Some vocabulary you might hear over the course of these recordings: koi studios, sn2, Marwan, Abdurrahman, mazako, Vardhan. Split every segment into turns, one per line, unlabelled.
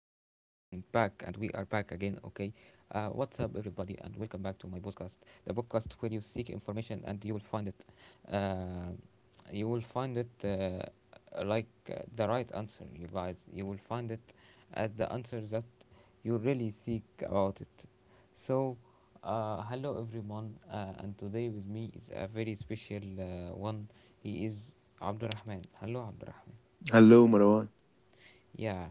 what's up, everybody, and welcome back to my podcast, the podcast where you seek information and you will find it. Uh, you will find it, the right answer, you guys. You will find it as the answer that you really seek about it. So hello everyone, and today with me is a very special one. He is Abdurrahman. Hello, Abdurrahman.
Hello, Marwan.
Yeah,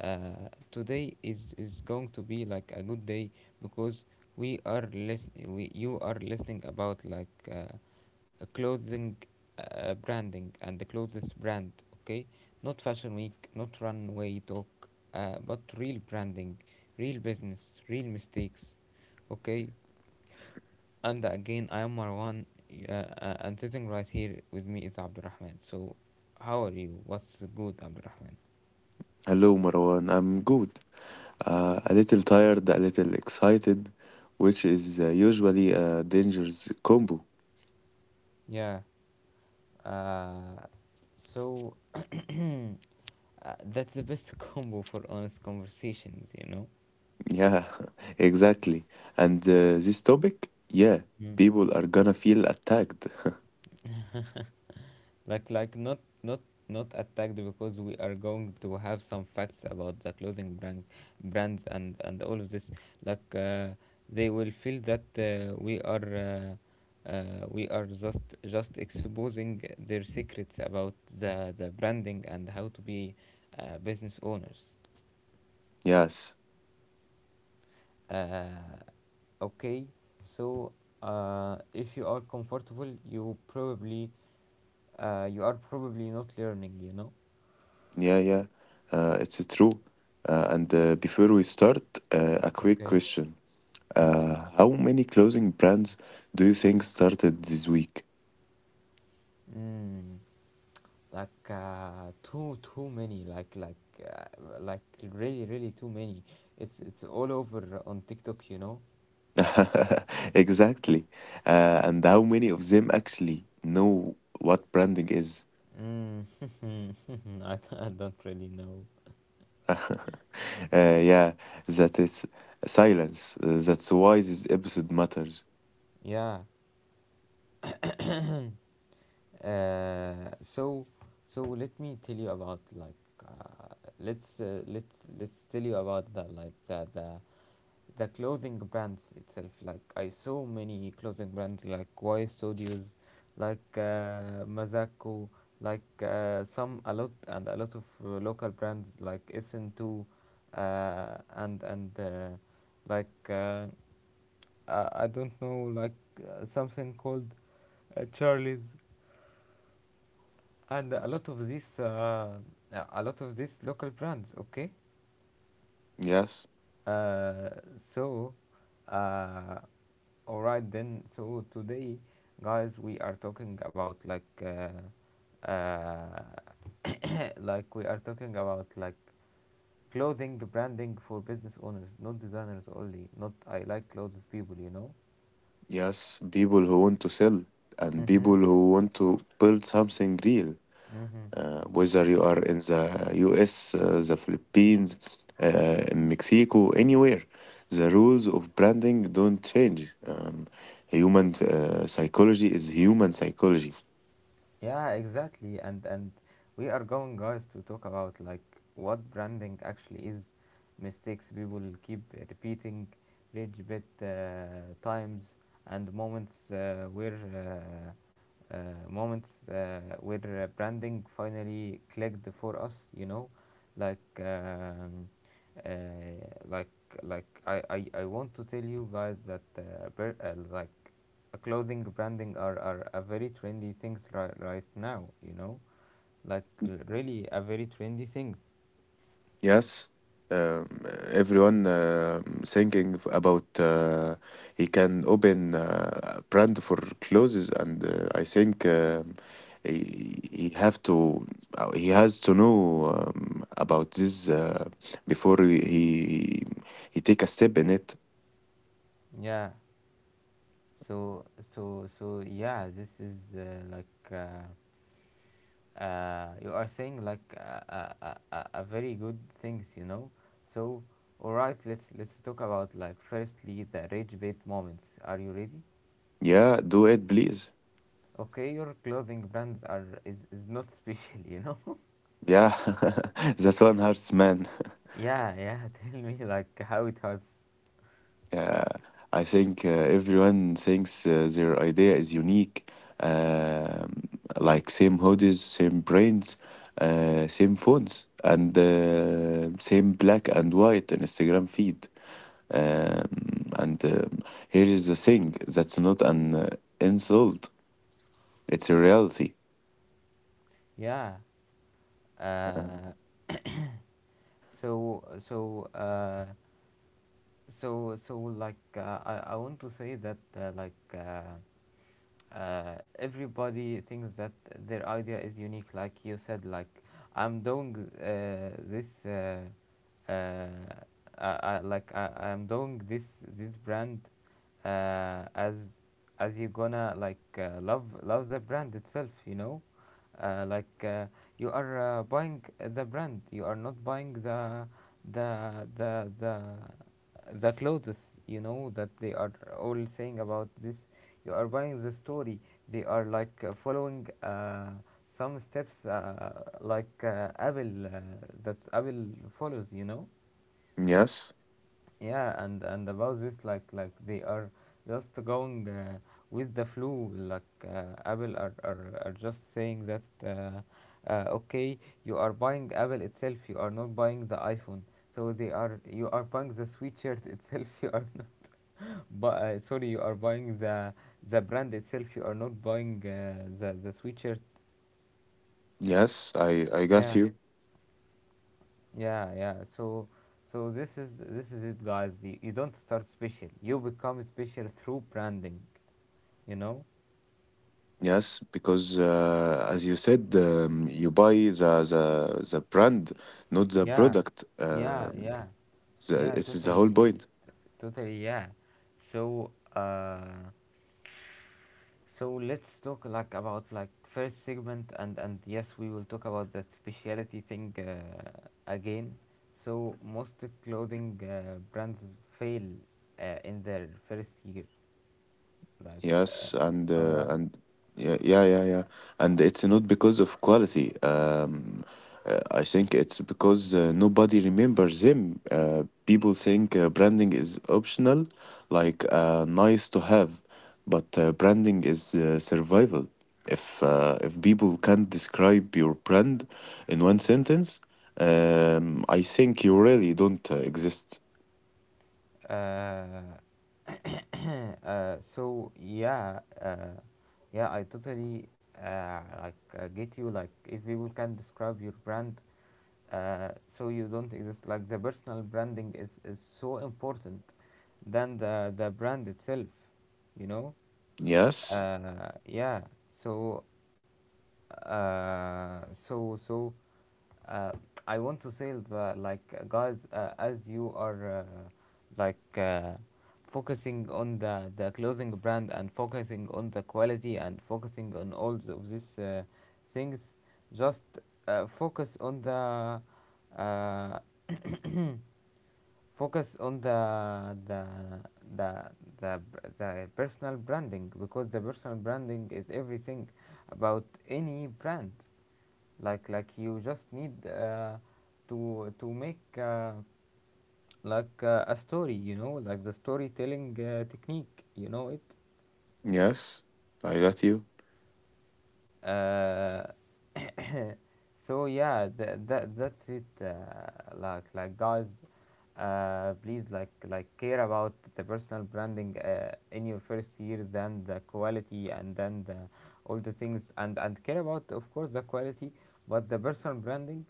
today is going to be like a good day because we are listening. We You are listening about like a clothing branding and the clothes brand. Okay, not fashion week, not runway talk, but real branding, real business, real mistakes. Okay, and again, I am Marwan, y- uh, and sitting right here with me is Abdurrahman. So, how are you? What's good, Abdurrahman?
Hello, Marwan. I'm good. A little tired, a little excited, which is usually a dangerous combo.
Yeah. Uh, so that's the best combo for honest conversations, you
Yeah, exactly. And this topic, yeah,
know.
people are gonna feel attacked.
Not not attacked because we are going to have some facts about the clothing brands and all of this. Like they will feel that uh, uh, we are just exposing their secrets about the branding and how to be business owners.
Yes,
Uh, okay, so if you are comfortable, you probably you are probably not learning. You know.
yeah, yeah. It's true. And before we start, a quick
Okay.
question.
Okay.
How many clothing brands do you think started this week?
Mm, like too too many, like really really too many. It's all over on TikTok, you know.
Exactly. And how many of them actually know what branding is?
Mm. I, I don't really know.
Yeah, that is silence. That's why this episode matters.
Yeah, uh, so so let me tell you about like let's let's tell you about the the clothing brands itself. Like I saw many clothing brands like Koi Studios, like Mazako, like some, a lot and a lot of local brands like SN2, and like I don't know, like something called Charlie's and a lot of these a lot of these local brands, okay.
Yes,
Uh, so, uh, all right then. So today, guys, we are talking about like, like we are talking about like clothing branding for business owners, not designers only. Not I like clothes people, you know.
yes, people who want to sell and
Mm-hmm.
people who want to build something real.
Mm-hmm.
Whether you are in the US, the Philippines, in Mexico, anywhere. The rules of branding don't change. Human psychology is human psychology.
Yeah, exactly. And we are going, guys, to talk about like what branding actually is, mistakes people keep repeating, rage bit times and moments where uh, uh, moments where branding finally clicked for us, you know. like um, uh, like I, I want to tell you guys that like clothing branding are a very trendy things right now, you know, like really a very trendy things.
Yes, um, everyone thinking about he can open a brand for clothes, and I think he, he have to he has to know about this before he take a step in it.
Yeah, so so yeah, this is like uh, you are saying like a, a very good things, you know. So all right, let's talk about like firstly the rage bait moments. Are you ready?
Yeah, do it, please.
Okay, your clothing brands is not special, you know.
Yeah, that's one hurts, man.
Yeah, yeah. Tell me like how it hurts.
Uh, I think everyone thinks their idea is unique, um, like same hoodies, same brands, same phones, and same black and white Instagram feed. And here is the thing that's not an insult, it's a reality.
Yeah,
Uh,
uh, so so uh, like I want to say that everybody thinks that their idea is unique, like you said. Like I'm doing this I, like I, I'm doing this this brand uh, as as you gonna like love the brand itself, you know. uh, like uh, you are buying the brand, you are not buying the the the the clothes. You know that they are all saying about this. You are buying the story. They are like following some steps, like Abel, that Abel follows, you know.
yes,
Yeah, and about this, like they are just going with the flow. Like Abel are just saying that okay, you are buying Abel itself, you are not buying the iPhone. So they are, you are buying the sweatshirt itself you are not. But sorry, you are buying the brand itself. You are not buying the sweatshirt.
yes, I got
Yeah,
you.
yeah, yeah. So, so this is it, guys. You don't start special. You become special through branding. You know?
Yes, because as you said, you buy the brand, not the
Yeah,
product.
yeah,
Um
yeah,
the,
yeah.
it's the whole
Totally,
point.
totally. Yeah. So, let's talk like about like first segment, and yes, we will talk about that specialty thing again. So most clothing brands fail in their first year. Like
Yes,
am I right?
and yeah, yeah, yeah, yeah. And it's not because of quality. I think it's because nobody remembers him. People think branding is optional, like nice to have, but branding is survival. If people can't describe your brand in one sentence, I think you really don't exist.
Uh, yeah, yeah, I totally get you. Like, if people can describe your brand, uh, so you don't exist. Like, the personal branding is so important than the brand itself. You know.
Yes,
Yeah, so uh, so so uh, I want to say that like, guys, as you are like uh, focusing on the clothing brand and focusing on the quality and focusing on all of these things, just focus on the uh, focus on the the, the personal branding, because the personal branding is everything about any brand. Like you just need to make a story, you know, like the storytelling technique, you know it.
yes, I got you.
Uh, so yeah, that's it. Like, guys, please like care about the personal branding in your first year, then the quality, and then the, all the things, and care about of course the quality, but the personal branding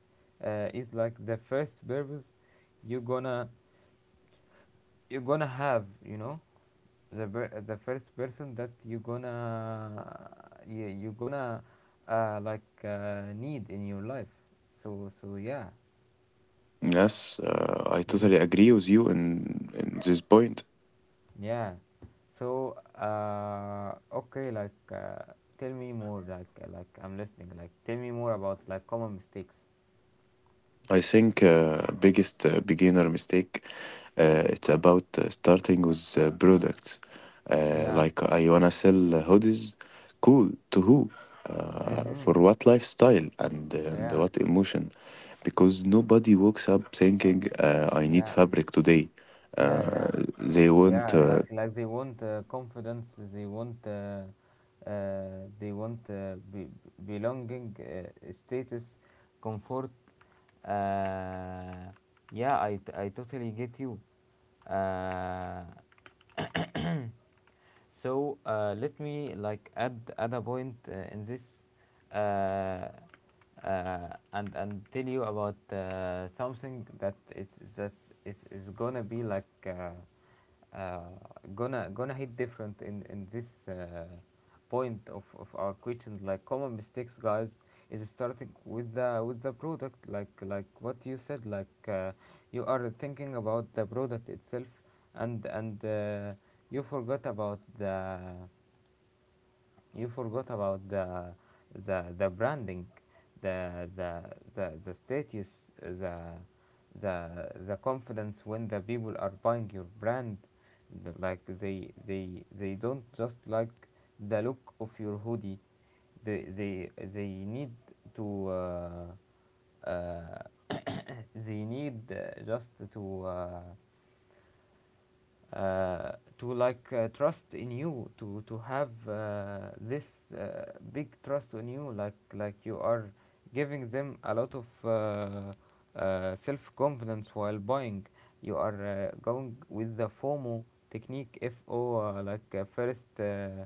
is like the first purpose you gonna have, you know, the the first person that you gonna you gonna need in your life. So so yeah.
Yes, I
Yeah.
totally agree with you in this point.
Yeah, so okay, like tell me more, like I'm listening. Like tell me more about like common mistakes.
I think biggest beginner mistake it's about starting with products.
Yeah.
Like I wanna sell hoodies, cool to who? For
Mm-hmm.
what lifestyle and
Yeah.
what emotion? Because nobody wakes up thinking I need
Yeah.
fabric today.
Yeah. Yeah,
Uh, they want.
yeah, like they want confidence, they want uh, they want belonging, status, comfort. uh, yeah, I, I totally get you. uh, Let me like add add a point in this, uh, and tell you about something that that is gonna be like gonna gonna hit different in this point of our question. Like common mistakes, guys, is starting with the product. Like what you said. Like you are thinking about the product itself, and you forgot about the, you forgot about the branding, the the the status, the the confidence when the people are buying your brand, like they don't just like the look of your hoodie. They they need to uh, they need just to uh, uh, to like trust in you, to have this uh, big trust in you. Like you are giving them a lot of self confidence while buying. You are going with the FOMO technique. FO like first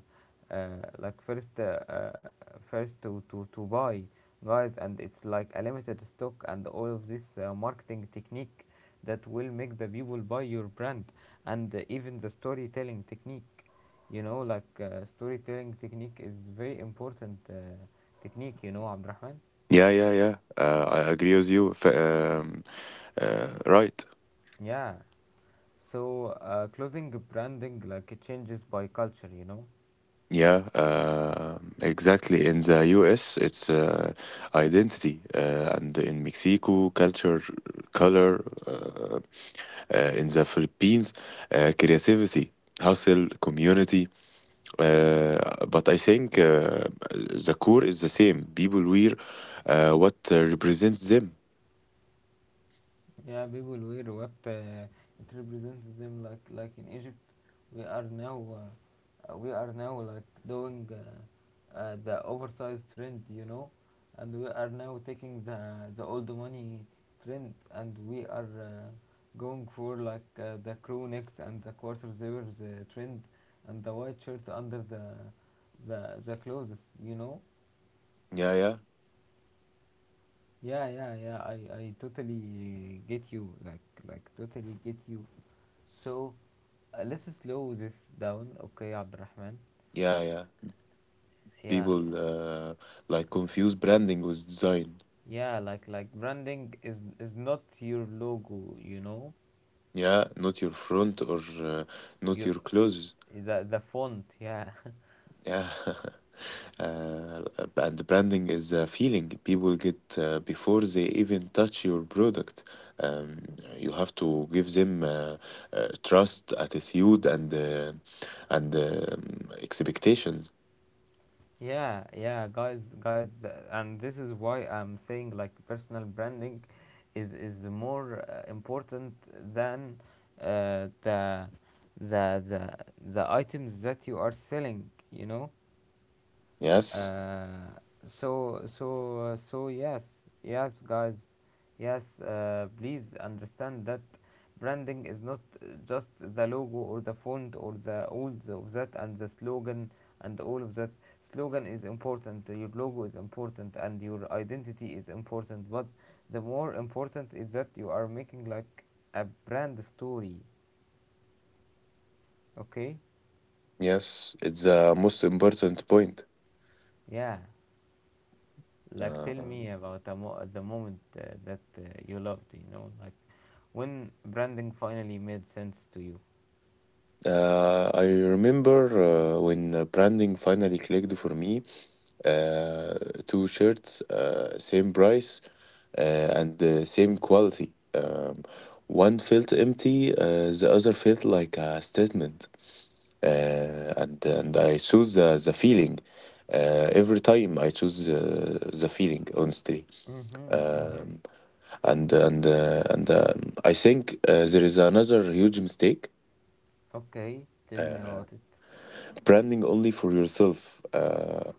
uh, like first first to buy, guys. And it's like a limited stock and all of this marketing technique that will make the people buy your brand. And even the storytelling technique, you know, like storytelling technique is very important technique, you know, Abdurrahman.
Yeah, yeah, yeah. I agree with you. Right.
Yeah, so clothing branding like it changes by culture, you know.
Yeah, exactly. In the US, it's identity, and in Mexico, culture, color. In the Philippines, creativity, hustle, community. But I think the core is the same. People wear what represents them.
Yeah, people wear what it represents them, like in Egypt we are now like doing the oversized trend, you know. And we are now taking the old money trend, and we are going for like the crew necks and the quarter zippers trend and the white shirt under the clothes, you know.
Yeah, yeah,
Yeah, yeah, yeah, I totally get you, like totally get you. So let's slow this down, okay, Abdurrahman?
yeah, yeah.
Yeah,
People like confuse branding with design.
yeah, like branding is not your logo, you know,
Yeah, not your front or not
you
your clothes.
the font, yeah,
Yeah, uh, and the branding is a feeling people get before they even touch your product. Um, you have to give them trust, attitude, and expectations.
yeah, yeah, guys, guys, and this is why I'm saying like personal branding is more important than uh, the the the the items that you are selling, you know.
Yes,
uh, so yes, yes, guys, yes, please understand that branding is not just the logo, or the font, or of that, and the slogan, and all of that. Slogan is important, your logo is important, and your identity is important, but the more important is that you are making like a brand story. Okay.
yes, it's the most important point.
Yeah, like
Uh,
tell me about the moment that you loved, like... When branding finally made sense to you.
I remember when branding finally clicked for me. Uh, Two shirts, same price, and the same quality. One felt empty, the other felt like a statement. And I chose the feeling. Every time I choose the feeling, honestly.
Mm-hmm, mm-hmm.
Um, and I think there is another huge mistake.
Okay, tell me
Uh,
about it.
Branding only for yourself. Uh,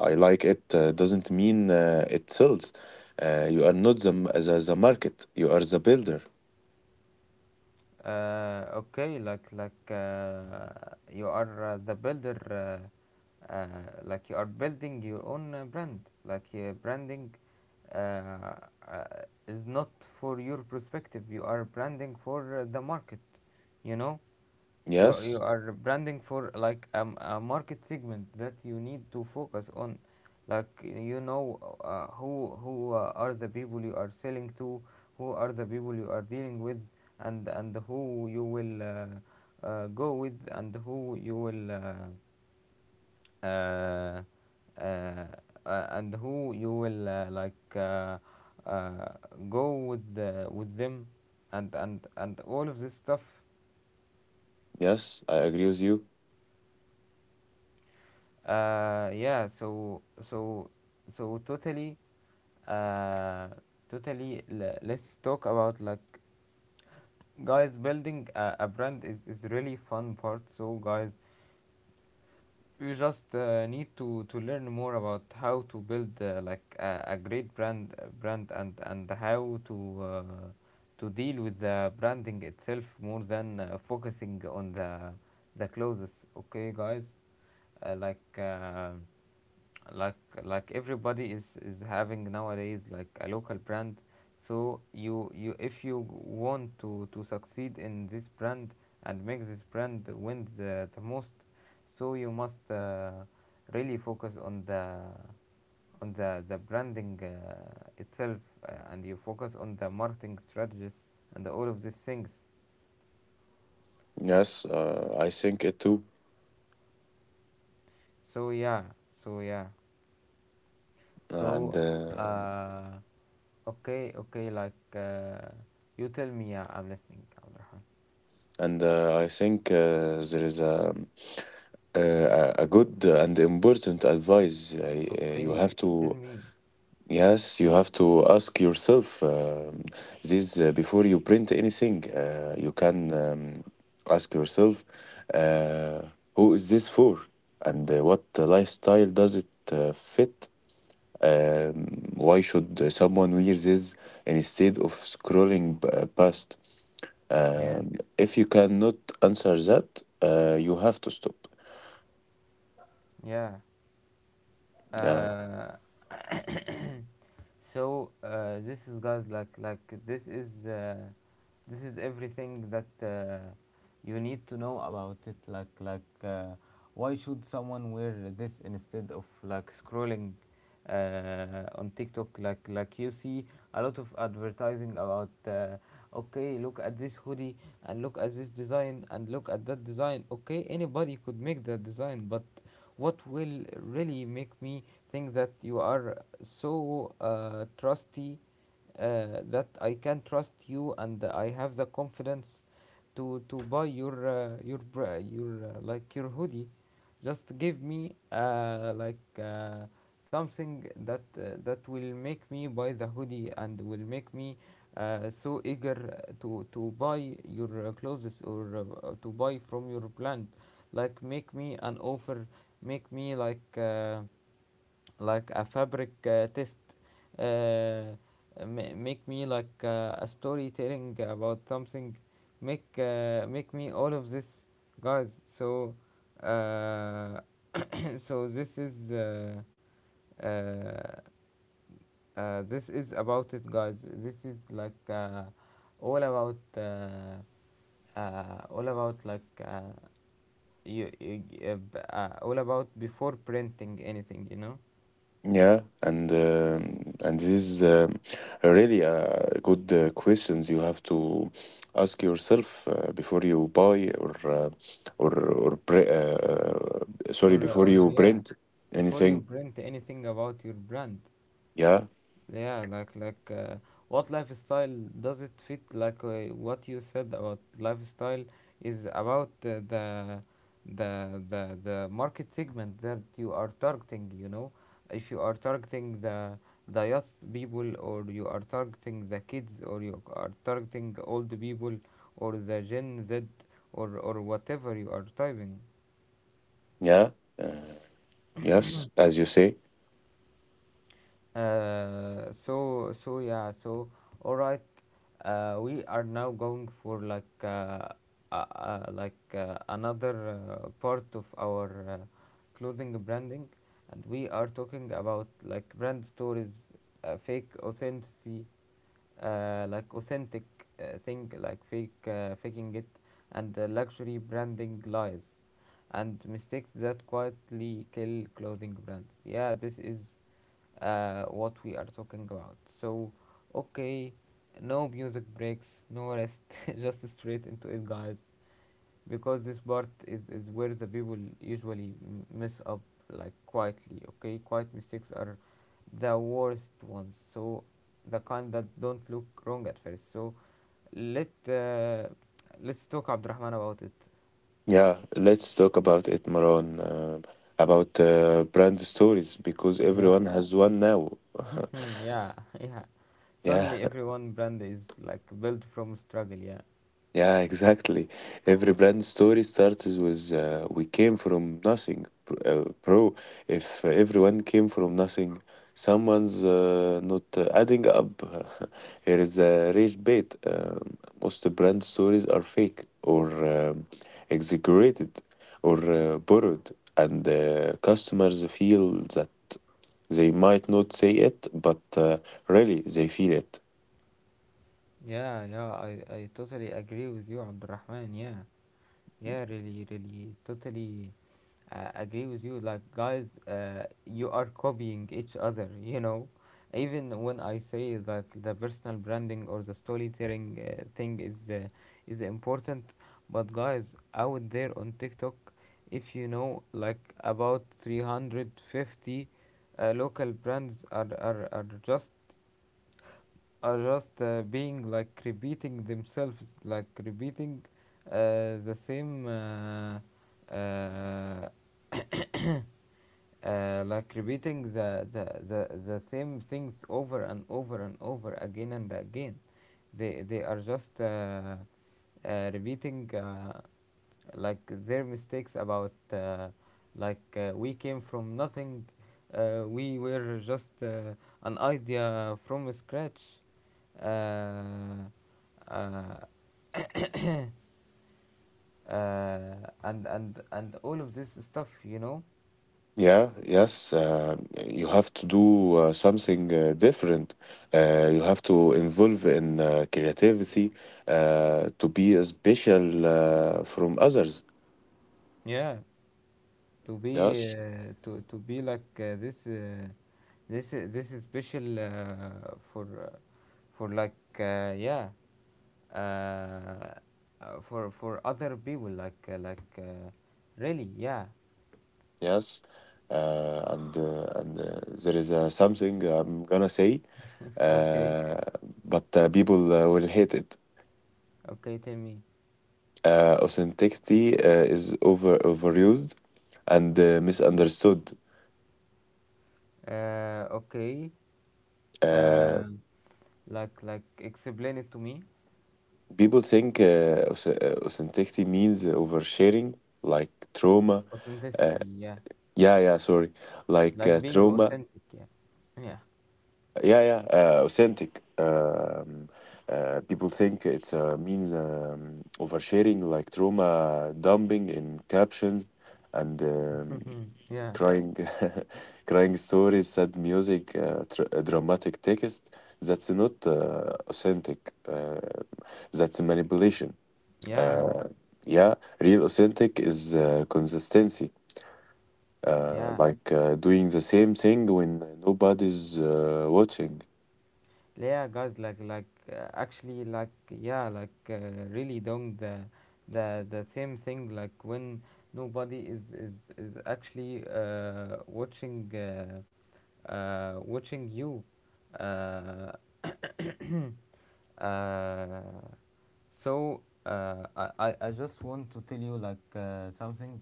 I I like it doesn't mean it sells. You are not the market. You are the builder.
Okay, you are the builder. Uh, like you are building your own brand. Like, branding uh, uh, is not for your perspective. You are branding for the market. You know. You
Yes,
are branding for like a market segment that you need to focus on, like... Who are the people you are selling to, who are the people you are dealing with, and who you will go with, and who you will uh, uh, and who you will uh, go with with them, and all of this stuff.
yes, I agree with you.
Yeah, so so totally, uh, totally. Let's talk about, like, guys, building a brand is really fun part. So guys, you just need to learn more about how to build like a great brand, and how to deal with the branding itself more than focusing on the clothes. Okay, guys, uh, like. Uh, like like, everybody is having nowadays like a local brand. So you, if you want to succeed in this brand and make this brand win the most, so you must really focus on the branding itself, and you focus on the marketing strategies and all of these things.
Yes, I think it too.
so yeah so yeah
Uh, and
so
uh,
uh okay, okay, you tell me. Yeah, I'm listening, Abdurrahman.
and I think there is a a good and important advice you have
Okay,
to.
tell me.
Yes, you have to ask yourself this before you print anything. You can ask yourself, uh, who is this for, and what lifestyle does it fit? Um, why should someone wear this instead of scrolling past?
Yeah.
If you cannot answer that, you have to stop.
Yeah.
Uh,
Uh, So, this is, guys, like this is everything that you need to know about it. Like, why should someone wear this instead of like scrolling on TikTok? Like, you see a lot of advertising about. Okay, look at this hoodie, and look at this design, and look at that design. Okay, anybody could make that design, but what will really make me think that you are so trusty, that I can trust you, and I have the confidence to buy your hoodie. Just give me like something that will make me buy the hoodie, and will make me so eager to buy your clothes, or to buy from your brand. Like, make me an offer, make me like a fabric test, uh, make me like a storytelling about something, make me all of this, guys. So uh, so this is uh, uh, this is about it, guys. This is like all about, all about, you, you all about before printing anything.
Yeah, and this is a really good questions you have to ask yourself before you buy or pre sorry
or uh,
before
or
you
yeah,
print
before you
anything.
print anything about your brand.
Yeah,
Yeah, like what lifestyle does it fit, like what you said about lifestyle is about the market segment that you are targeting, you know. If you are targeting the youth people, or you are targeting the kids, or you are targeting old people, or the Gen Z, or whatever you are typing.
yeah, uh, yes, as you say.
So, all right, we are now going for like another part of our clothing branding, and we are talking about, like, brand stories, fake authenticity, like authentic thing, like fake faking it, and the luxury branding lies, and mistakes that quietly kill clothing brands. Yeah, this is what we are talking about. So, okay, no music breaks, no rest, just straight into it, guys, because this part is where the people usually mess up, like, quietly, okay? Quiet mistakes are the worst ones, so the kind that don't look wrong at first. So, let, uh, let's talk, Abdurrahman, about it.
Yeah, let's talk about it, Maran, about brand stories because
Yeah,
everyone has one now.
yeah, yeah.
Yeah.
Suddenly, everyone brand is like built from struggle, yeah.
Yeah, exactly. Every brand story starts with we came from nothing, bro. If everyone came from nothing, someone's not adding up. Here is a rage bait. Most brand stories are fake or exaggerated or borrowed, and customers feel that they might not say it, but really they feel it.
Yeah, yeah, I totally agree with you, Abdurrahman. Yeah, yeah, really, really, totally agree with you. Like, guys, you are copying each other, you know. Even when I say that the personal branding or the storytelling thing is important, but guys, out there on TikTok, if you know, like, about 350 local brands are just being, like, repeating themselves, like repeating the same, uh, like repeating the same things over and over and over again and again. They are just repeating. Like, their mistakes about we came from nothing, we were just an idea from scratch, uh, uh, uh, and all of this stuff, you know.
Yeah, yes, you have to do something different. You have to involve in creativity to be special from others.
Yeah, to be
Yes,
to be like this, this is special for for, like, yeah, uh, for other people, like, really, yeah.
yes, and there is something I'm gonna say,
Okay,
uh, but people will hate it.
okay, tell me.
Authenticity is overused and misunderstood.
Okay.
Uh,
um, like explain it to me.
People think authenticity means oversharing, like trauma. Uh,
Authenticity. Yeah,
yeah, yeah, sorry. Like
like being
trauma.
authentic. Yeah, yeah,
Yeah, yeah, authentic. People think it's means oversharing, like trauma dumping in captions and
yeah,
crying, crying stories, sad music, tr dramatic text. That's not authentic. Uh, that's manipulation.
yeah.
Uh, yeah, real authentic is consistency,
Yeah,
like doing the same thing when nobody's watching.
yeah, guys, like, actually, like, yeah, really don't. The same thing, like when nobody is actually watching watching you. uh, uh, so, I just want to tell you like something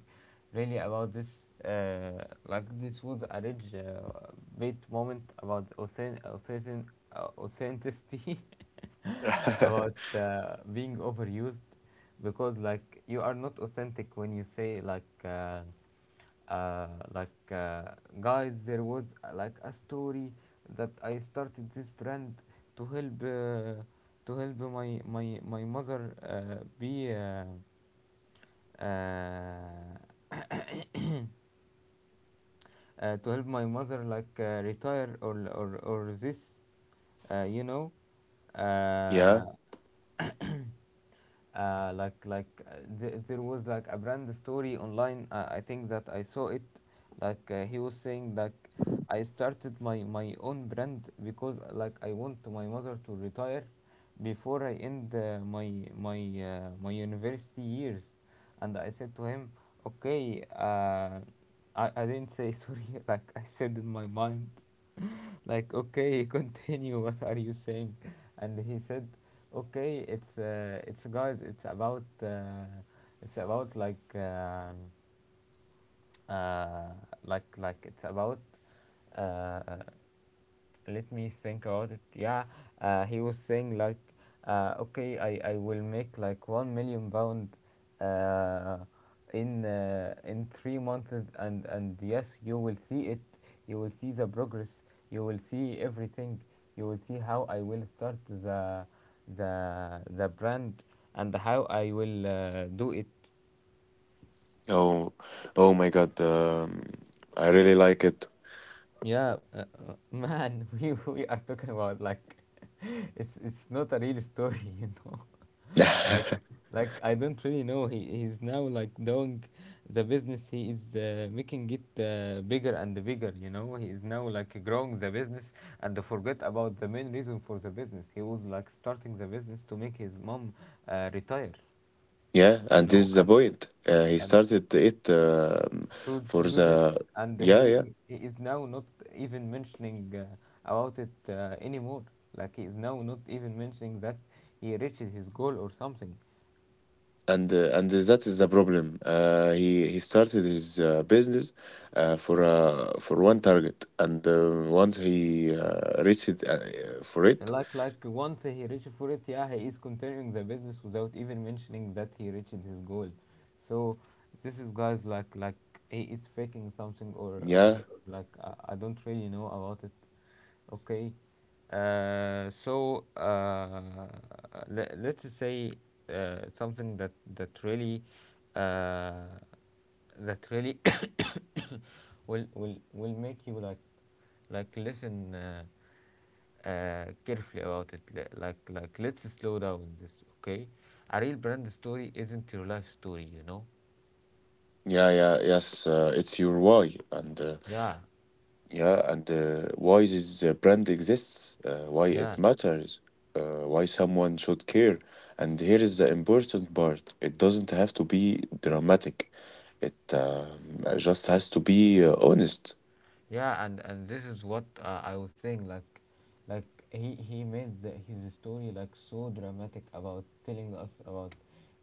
really about this. Like, this was a rich bit moment about authenticity, about being overused. Because, like, you are not authentic when you say, uh, like, guys, there was like a story that I started this brand to help, to help my mother be uh, to help my mother, like, retire, or this, you know.
Yeah.
uh, there was like a brand story online, I think, that I saw it. Like, he was saying, like, I started my own brand because, like, I want my mother to retire before I end my university years. And I said to him, okay, I didn't say, sorry, like, I said in my mind, like, okay, continue, what are you saying? And he said, okay, it's guys, it's about, uh, like, it's about, uh, let me think about it. Yeah, he was saying, like, okay, I will make like 1 million pound uh, in in 3 months, and yes, you will see it. You will see the progress. You will see everything. You will see how I will start the the brand, and how I will do it.
Oh, oh my God. I really like it.
Yeah, man, we are talking about, like, it's not a real story, you know. like like, I don't really know. He's now like doing the business, he is making it bigger and bigger, you know. He is now like growing the business and forget about the main reason for the business. He was like starting the business to make his mom retire,
Yeah,
you
and this
know,
is the
and
point. He
and
started it
to
for
to do this.
the,
And
yeah, yeah.
he is now not even mentioning about it anymore. Like, he is now not even mentioning that he reached his goal or something.
And that is the problem. He started his business for for one target, and once he reached it. For
And,
it,
like once he reached for it, yeah, he is continuing the business without even mentioning that he reached his goal. So this is, guys, like he is faking something, or
yeah,
like I don't really know about it. Okay, uh, so uh, let's say something that really, uh, that really will make you like listen. Carefully about it. Like, let's slow down this, okay? A real brand story isn't your life story, you know?
yeah, yeah, yes. It's your why. and uh,
Yeah,
yeah, and uh, why this brand exists, why it
yeah.
matters, why someone should care. And here is the important part. It doesn't have to be dramatic. It just has to be honest.
Yeah, and this is what I was saying, like he made his story like so dramatic about telling us about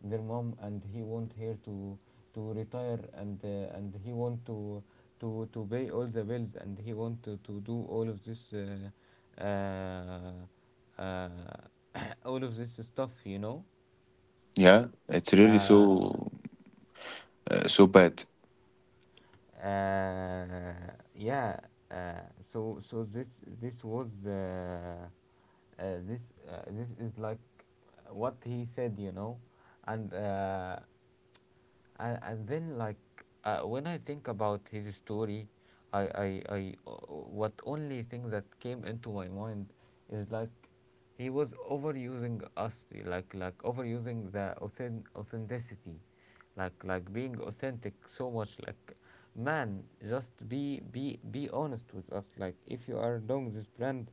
their mom, and he want her to retire, and he want to to pay all the bills, and he want to do all of this all of this stuff.
Yeah, it's really so bad.
uh, yeah uh, so this was this this is like what he said. and uh, and then, like, when I think about his story, I what only thing that came into my mind is like he was overusing us, like overusing the authenticity, like being authentic so much. Like, man, just be honest with us. Like if you are doing this brand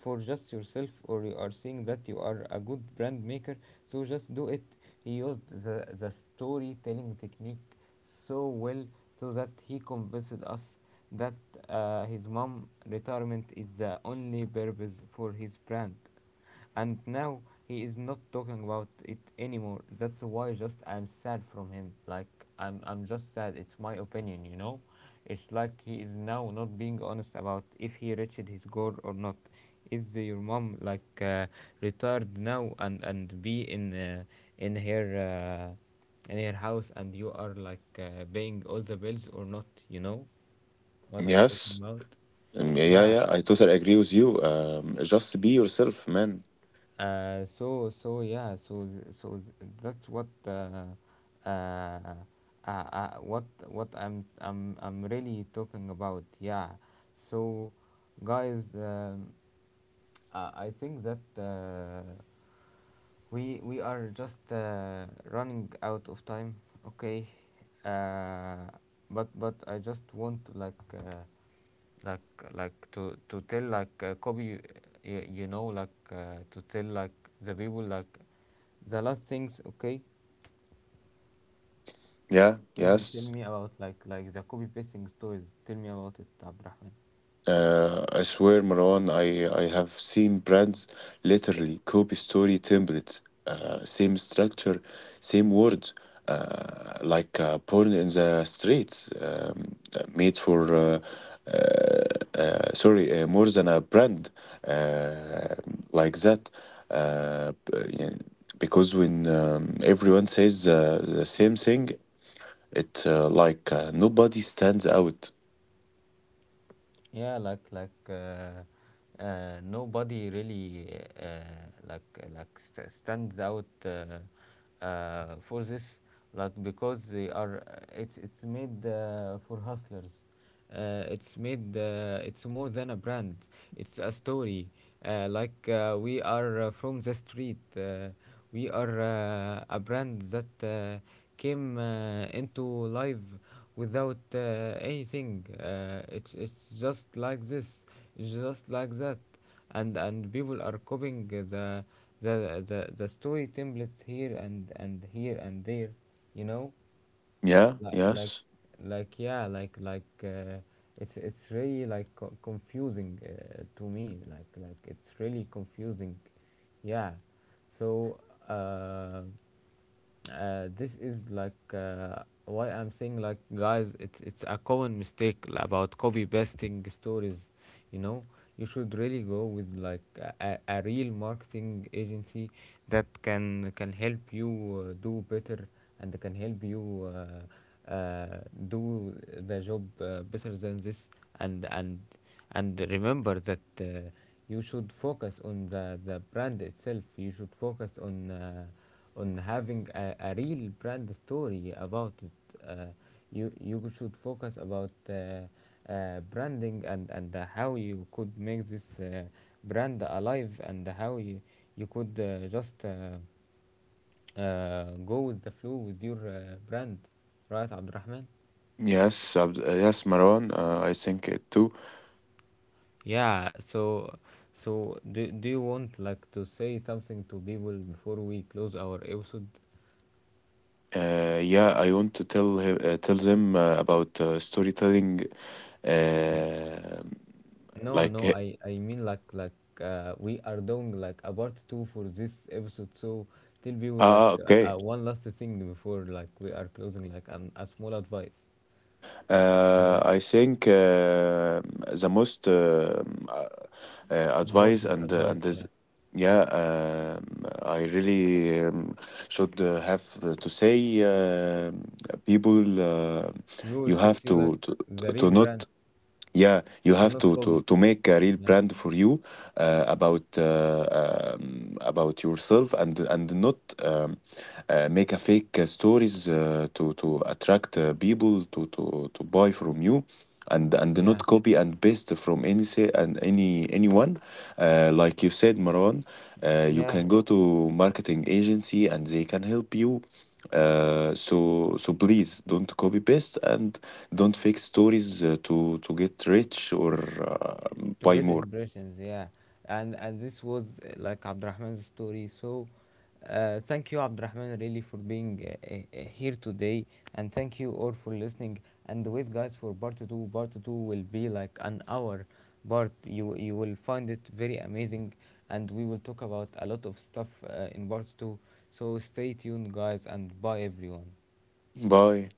for just yourself, or you are seeing that you are a good brand maker, so just do it. He used the storytelling technique so well, so that he convinced us that his mom retirement is the only purpose for his brand, and now he is not talking about it anymore. That's why just I'm sad from him. Like, I'm just sad. It's my opinion, you know? It's like he is now not being honest about if he reached his goal or not. Your mom, like, retired now, and be in her uh, in her house, and you are, like, paying all the bills or not, you know? What I'm talking
Yes.
about?
Yeah, yeah,
Yeah.
yeah. I totally agree with you. Just be yourself, man.
So yeah, so that's what uh, what I'm really talking about. Yeah, so, guys, I think that we are just running out of time, okay. uh, but I just want to, like, like to tell, like, copy, you know, like, to tell, like, the people, like, the last things, okay.
Yeah,
Tell
yes.
me about, like the copy pasting stories. Tell me about it, Abdurrahman.
I swear, Marwan, I have seen brands literally copy story templates, same structure, same words, like porn in the streets, made for, sorry, more than a brand, uh, like that. Uh, b- yeah, because when everyone says the same thing, it's like nobody stands out.
Yeah, nobody really, uh, like stands out, for this, like, because they are, it's made for hustlers. It's made, it's more than a brand. It's a story. Like, we are from the street. We are a brand that came into life without anything. It's just like this, it's just like that, and people are copying the story templates here, and here and there, you know.
Yeah,
like like
yes.
like yeah like like uh, it's really, like, confusing to me. Like it's really confusing. Yeah, so, uh, this is, like, why I'm saying, like, guys, it's a common mistake about copy pasting stories, you know. You should really go with, like, a real marketing agency that can help you do better, and can help you do the job better than this. And remember that, you should focus on the brand itself. You should focus on, on having a real brand story about it. You should focus about, branding, and how you could make this, brand alive, and how you, you could, just go with the flow with your brand, right, Abdurrahman?
Yes, Marwan. I think it too.
Yeah, so, so, do you want, like, to say something to people before we close our episode?
Yeah, I want to tell them about storytelling. Uh,
No,
like,
no,
he-
I mean, like we are doing, like, a part two for this episode, so tell people, like,
okay.
one last thing before, like, we are closing, like, a small advice. Yeah,
I think the most advice
important
and uh,
advice.
and this,
Yeah,
yeah, I really should have to say, people,
we all
you
should
have
see, like,
to to to
the real
to
brand,
not. Yeah, you
to
have
not
to to
copy.
to make a real
Yeah,
brand for you about yourself and not um, make a fake stories to attract people to buy from you and
yeah,
not copy and paste from any se- and any anyone like you said, Marwan. You
yeah,
can go to marketing agency and they can help you. So please don't copy paste and don't fake stories to get rich or
to
buy
get
more.
impressions, yeah. And this was, like, Abdurrahman's story. So, thank you, Abdurrahman, really, for being here today, and thank you all for listening, and wait, guys, for part 2. Part 2 will be, like, an hour, but you will find it very amazing, and we will talk about a lot of stuff in part 2, so stay tuned, guys, and bye, everyone.
Bye.